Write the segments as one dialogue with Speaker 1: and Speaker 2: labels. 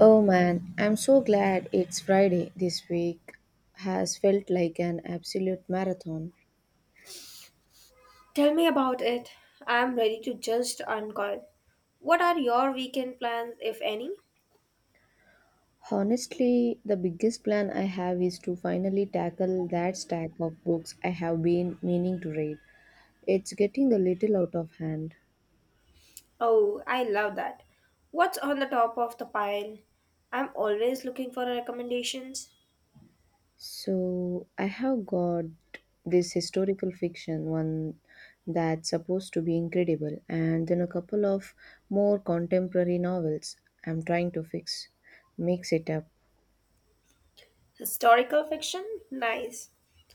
Speaker 1: Oh man, I'm so glad it's Friday. This week has felt like an absolute marathon.
Speaker 2: Tell me about it. I am ready to just uncoil. What are your weekend plans, if any?
Speaker 1: Honestly, the biggest plan I have is to finally tackle that stack of books I have been meaning to read. It's getting a little out of hand.
Speaker 2: Oh, I love that. What's on the top of the pile? I'm always looking for recommendations.
Speaker 1: So, I have got this historical fiction one that's supposed to be incredible, and then a couple of more contemporary novels I'm trying to fix mix it up.
Speaker 2: Historical fiction? Nice.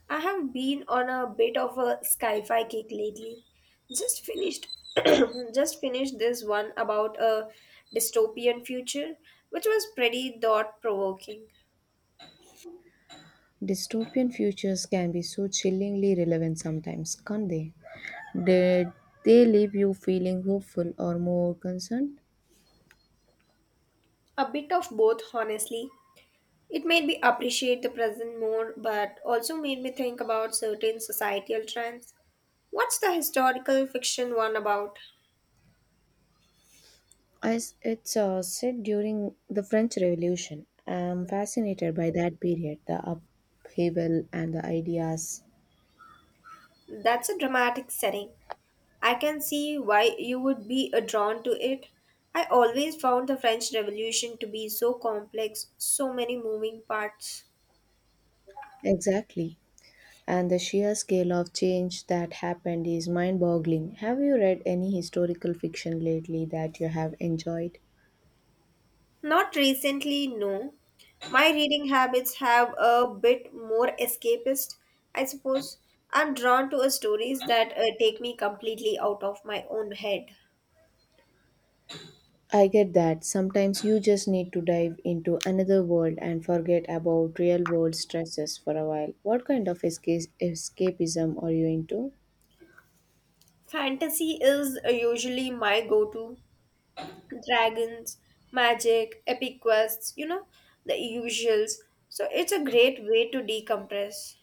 Speaker 2: I have been on a bit of a sci-fi kick lately. Just finished just finished this one about a dystopian future, which was pretty thought-provoking.
Speaker 1: Dystopian futures can be so chillingly relevant sometimes, can't they? Did they leave you feeling hopeful or more concerned?
Speaker 2: A bit of both, honestly. It made me appreciate the present more, but also made me think about certain societal trends. What's the historical fiction one about?
Speaker 1: As it's said during the French Revolution, I'm fascinated by that period, the upheaval and the ideas.
Speaker 2: That's a dramatic setting. I can see why you would be drawn to it. I always found the French Revolution to be so complex, so many moving parts.
Speaker 1: Exactly. And the sheer scale of change that happened is mind boggling. Have you read any historical fiction lately that you have enjoyed?
Speaker 2: Not recently, no. My reading habits have a bit more escapist, I suppose. I'm drawn to stories that take me completely out of my own head.
Speaker 1: I get that. Sometimes you just need to dive into another world and forget about real world stresses for a while. What kind of escapism are you into?
Speaker 2: Fantasy is usually my go to. Dragons, magic, epic quests, you know, the usuals. So it's a great way to decompress.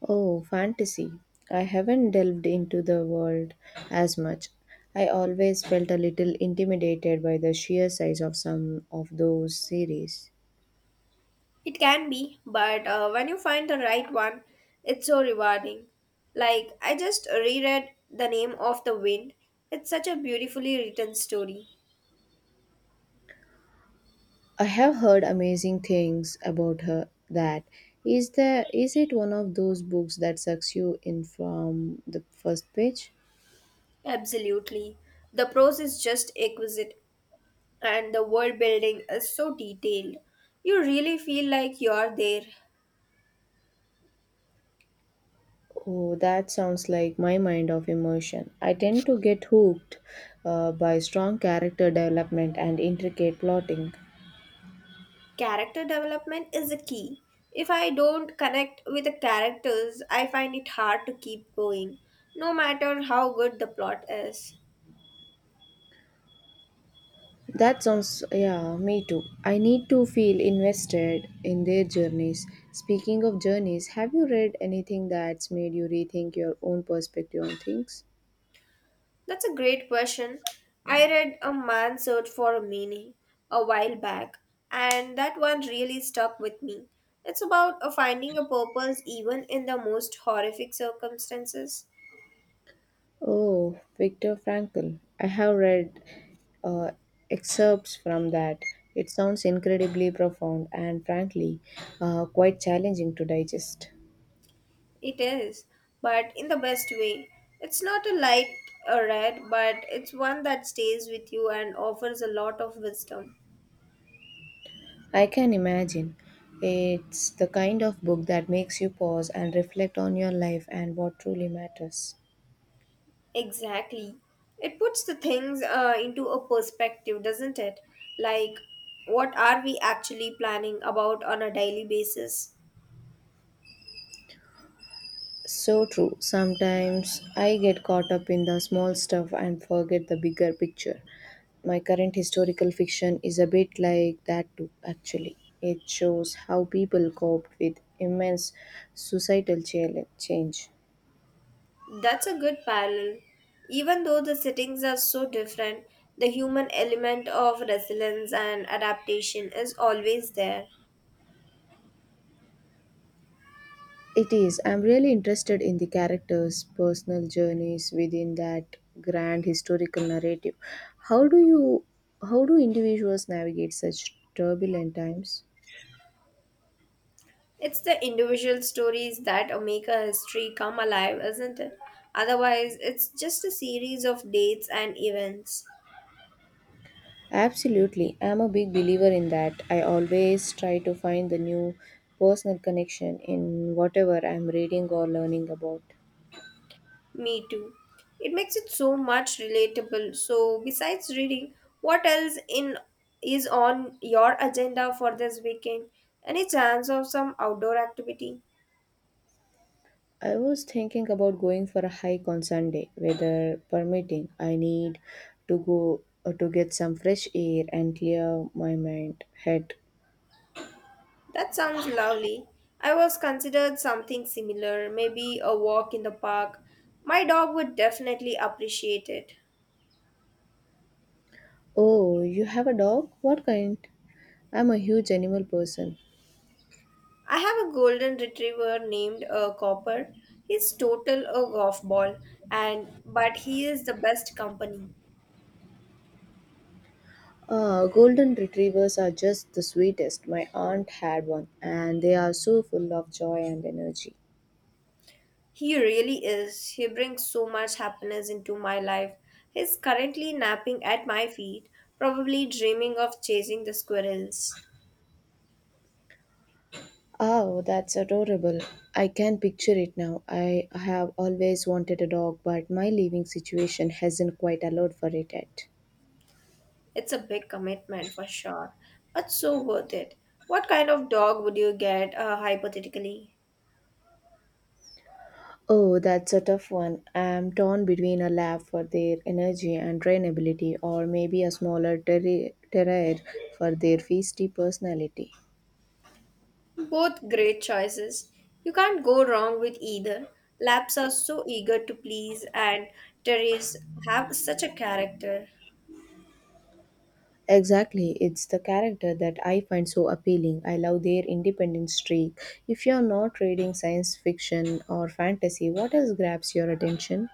Speaker 1: Oh, fantasy. I haven't delved into the world as much. I always felt a little intimidated by the sheer size of some of those series.
Speaker 2: It can be, but when you find the right one, it's so rewarding. Like, I just reread The Name of the Wind. It's such a beautifully written story.
Speaker 1: I have heard amazing things about her. That is the Is it one of those books that sucks you in from the first page?
Speaker 2: Absolutely. The prose is just exquisite, and the world building is so detailed. You really feel like you're there.
Speaker 1: Oh, that sounds like my mind of emotion. I tend to get hooked by strong character development and intricate plotting.
Speaker 2: Character development is a key. If I don't connect with the characters, I find it hard to keep going, no matter how good the plot is.
Speaker 1: That sounds, yeah, me too. I need to feel invested in their journeys. Speaking of journeys, have you read anything that's made you rethink your own perspective on things?
Speaker 2: That's a great question. I read A Man's Search for a Meaning a while back, and that one really stuck with me. It's about a finding a purpose even in the most horrific circumstances.
Speaker 1: Oh, Viktor Frankl. I have read uh, excerpts from that. It sounds incredibly profound and, frankly, quite challenging to digest.
Speaker 2: It is, but in the best way. It's not a light read, but it's one that stays with you and offers a lot of wisdom.
Speaker 1: I can imagine. It's the kind of book that makes you pause and reflect on your life and what truly matters.
Speaker 2: Exactly. It puts the things into a perspective, doesn't it? Like, what are we actually planning about on a daily basis?
Speaker 1: So true. Sometimes I get caught up in the small stuff and forget the bigger picture. My current historical fiction is a bit like that too, actually. It shows how people cope with immense societal change.
Speaker 2: That's a good parallel. Even though the settings are so different, the human element of resilience and adaptation is always there.
Speaker 1: It is. I'm really interested in the characters' personal journeys within that grand historical narrative. How do you how do individuals navigate such turbulent times?
Speaker 2: It's the individual stories that make a history come alive, isn't it? Otherwise, it's just a series of dates and events.
Speaker 1: Absolutely. I'm a big believer in that. I always try to find the new personal connection in whatever I'm reading or learning about.
Speaker 2: Me too. It makes it so much relatable. So, besides reading, what else in is on your agenda for this weekend? Any chance of some outdoor activity?
Speaker 1: I was thinking about going for a hike on Sunday, weather permitting. I need to go to get some fresh air and clear my mind head.
Speaker 2: That sounds lovely. I was considered something similar, maybe a walk in the park. My dog would definitely appreciate it.
Speaker 1: Oh, you have a dog? What kind? I'm a huge animal person.
Speaker 2: I have a golden retriever named Copper. He's total a golf ball and but he is the best company.
Speaker 1: Golden retrievers are just the sweetest. My aunt had one, and they are so full of joy and energy.
Speaker 2: He really is. He brings so much happiness into my life. He's currently napping at my feet, probably dreaming of chasing the squirrels.
Speaker 1: Oh, that's adorable. I can picture it now. I have always wanted a dog, but my living situation hasn't quite allowed for it yet.
Speaker 2: It's a big commitment for sure, but so worth it. What kind of dog would you get, hypothetically?
Speaker 1: Oh, that's a tough one. I'm torn between a lab for their energy and trainability, or maybe a smaller terrier for their feisty personality.
Speaker 2: Both great choices. You can't go wrong with either. Laps are so eager to please, and Terriers have such a character.
Speaker 1: Exactly, it's the character that I find so appealing. I love their independent streak. If you're not reading science fiction or fantasy, what else grabs your attention?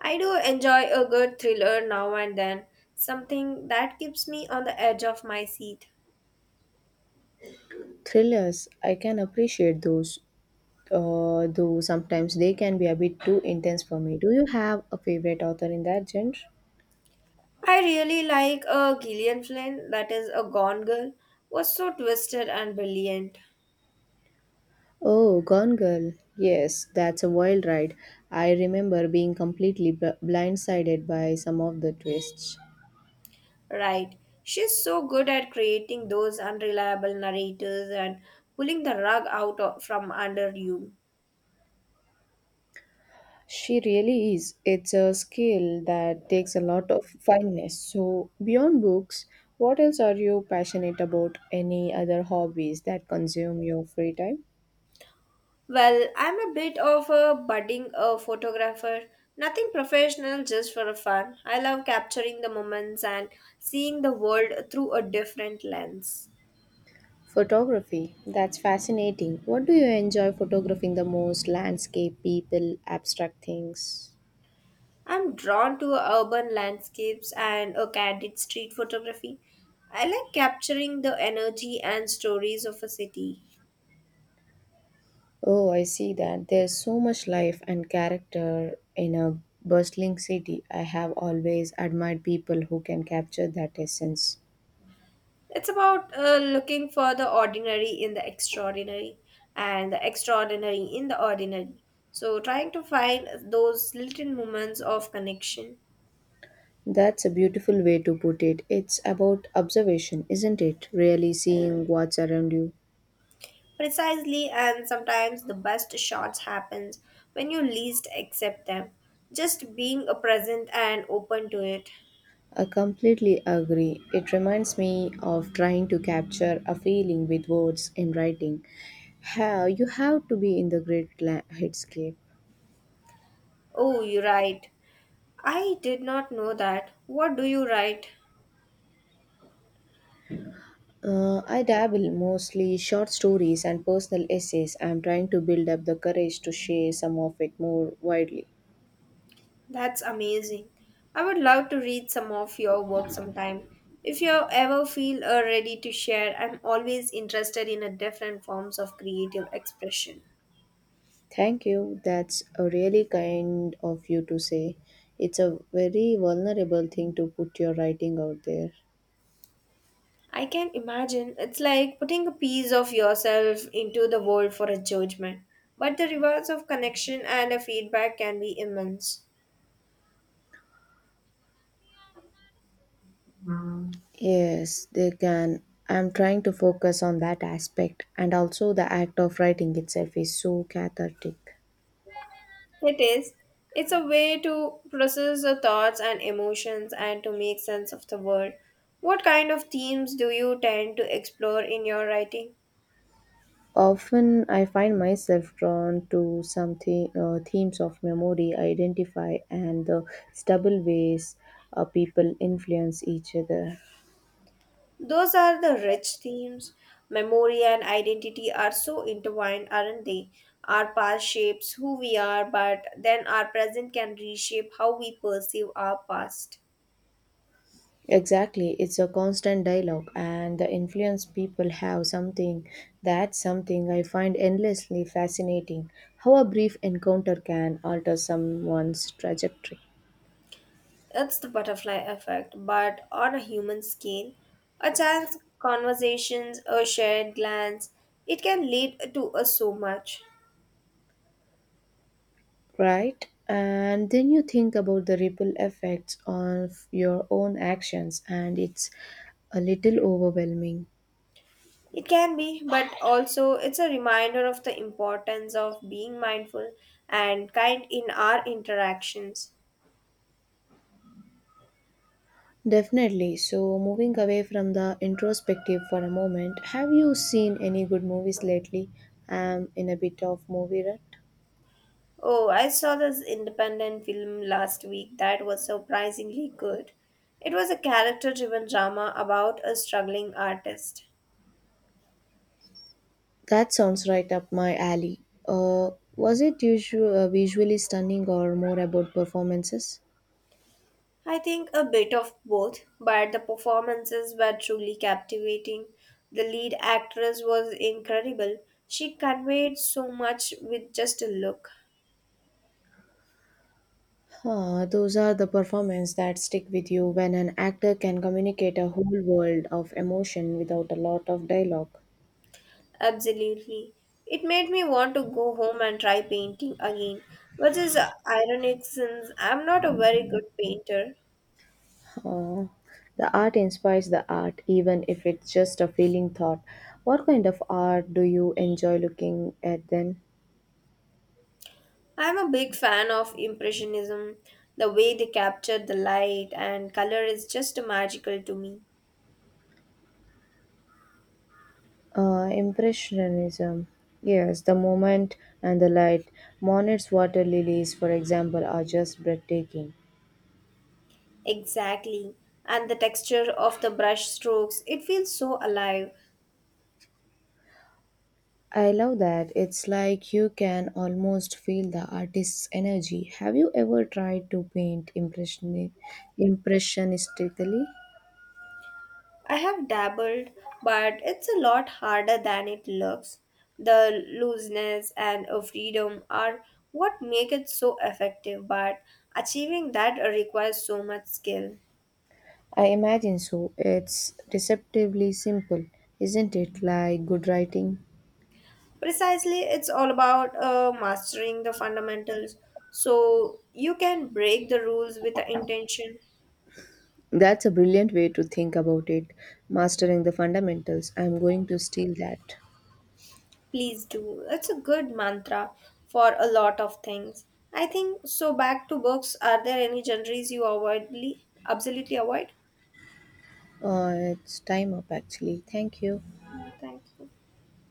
Speaker 2: I do enjoy a good thriller now and then, something that keeps me on the edge of my seat.
Speaker 1: Thrillers, I can appreciate those, though sometimes they can be a bit too intense for me. Do you have a favorite author in that genre?
Speaker 2: I really like a Gillian Flynn, that is a Gone Girl, was so twisted and brilliant.
Speaker 1: Oh, Gone Girl. Yes, that's a wild ride. I remember being completely blindsided by some of the twists.
Speaker 2: Right. She's so good at creating those unreliable narrators and pulling the rug from under you.
Speaker 1: She really is. It's a skill that takes a lot of fineness. So, beyond books, what else are you passionate about? Any other hobbies that consume your free time?
Speaker 2: Well, I'm a bit of a budding a photographer. Nothing professional, just for a fun. I love capturing the moments and seeing the world through a different lens.
Speaker 1: Photography. That's fascinating. What do you enjoy photographing the most? Landscape, people, abstract things?
Speaker 2: I'm drawn to urban landscapes and a candid street photography. I like capturing the energy and stories of a city.
Speaker 1: Oh, I see that. There's so much life and character in a bustling city. I have always admired people who can capture that essence.
Speaker 2: It's about looking for the ordinary in the extraordinary and the extraordinary in the ordinary. So, trying to find those little moments of connection.
Speaker 1: That's a beautiful way to put it. It's about observation, isn't it? Really seeing what's around you.
Speaker 2: Precisely, and sometimes the best shots happens when you least accept them. Just being a present and open to it.
Speaker 1: I completely agree. It reminds me of trying to capture a feeling with words in writing. How you have to be in the great headscape.
Speaker 2: Oh, you write. I did not know that. What do you write?
Speaker 1: I dabble mostly short stories and personal essays. I'm trying to build up the courage to share some of it more widely.
Speaker 2: That's amazing. I would love to read some of your work sometime. If you ever feel ready to share, I'm always interested in a different forms of creative expression.
Speaker 1: Thank you. That's a really kind of you to say. It's a very vulnerable thing to put your writing out there.
Speaker 2: I can imagine it's like putting a piece of yourself into the world for a judgment. But the rewards of connection and a feedback can be immense.
Speaker 1: Yes, they can. I'm trying to focus on that aspect, and also the act of writing itself is so cathartic.
Speaker 2: It is. It's a way to process the thoughts and emotions and to make sense of the world. What kind of themes do you tend to explore in your writing?
Speaker 1: Often, I find myself drawn to themes of memory, identify, and the stable ways people influence each other.
Speaker 2: Those are the rich themes. Memory and identity are so intertwined, aren't they? Our past shapes who we are, but then our present can reshape how we perceive our past.
Speaker 1: Exactly, it's a constant dialogue, and the influence people have, something I find endlessly fascinating. How a brief encounter can alter someone's trajectory.
Speaker 2: It's the butterfly effect, but on a human scale. A chance conversations, a shared glance, it can lead to us so much.
Speaker 1: Right? And then you think about the ripple effects of your own actions, and it's a little overwhelming.
Speaker 2: It can be, but also it's a reminder of the importance of being mindful and kind in our interactions.
Speaker 1: Definitely. So, moving away from the introspective for a moment, have you seen any good movies lately? I'm in a bit of movie rut.
Speaker 2: Oh, I saw this independent film last week that was surprisingly good. It was a character driven drama about a struggling artist.
Speaker 1: That sounds right up my alley. Uh, was it usual, visually stunning or more about performances?
Speaker 2: I think a bit of both, but the performances were truly captivating. The lead actress was incredible. She conveyed so much with just a look.
Speaker 1: Huh, those are the performances that stick with you when an actor can communicate a whole world of emotion without a lot of dialogue.
Speaker 2: Absolutely. It made me want to go home and try painting again, which is ironic since I'm not a very good painter.
Speaker 1: Huh. The art inspires the art, even if it's just a feeling thought. What kind of art do you enjoy looking at then?
Speaker 2: I'm a big fan of Impressionism. The way they captured the light and color is just magical to me.
Speaker 1: Impressionism. Yes, the moment and the light. Monet's water lilies, for example, are just breathtaking.
Speaker 2: Exactly. And the texture of the brush strokes, it feels so alive.
Speaker 1: I love that. It's like you can almost feel the artist's energy. Have you ever tried to paint impressionistically?
Speaker 2: I have dabbled, but it's a lot harder than it looks. The looseness and freedom are what make it so effective, but achieving that requires so much skill.
Speaker 1: I imagine so. It's deceptively simple, isn't it? Like good writing.
Speaker 2: Precisely, it's all about mastering the fundamentals so you can break the rules with the intention.
Speaker 1: That's a brilliant way to think about it. Mastering the fundamentals. I'm going to steal that.
Speaker 2: Please do. It's a good mantra for a lot of things. I think so. Back to books. Are there any genres you avoidly, absolutely avoid?
Speaker 1: It's time up actually. Thank you.
Speaker 2: Yeah, thank you.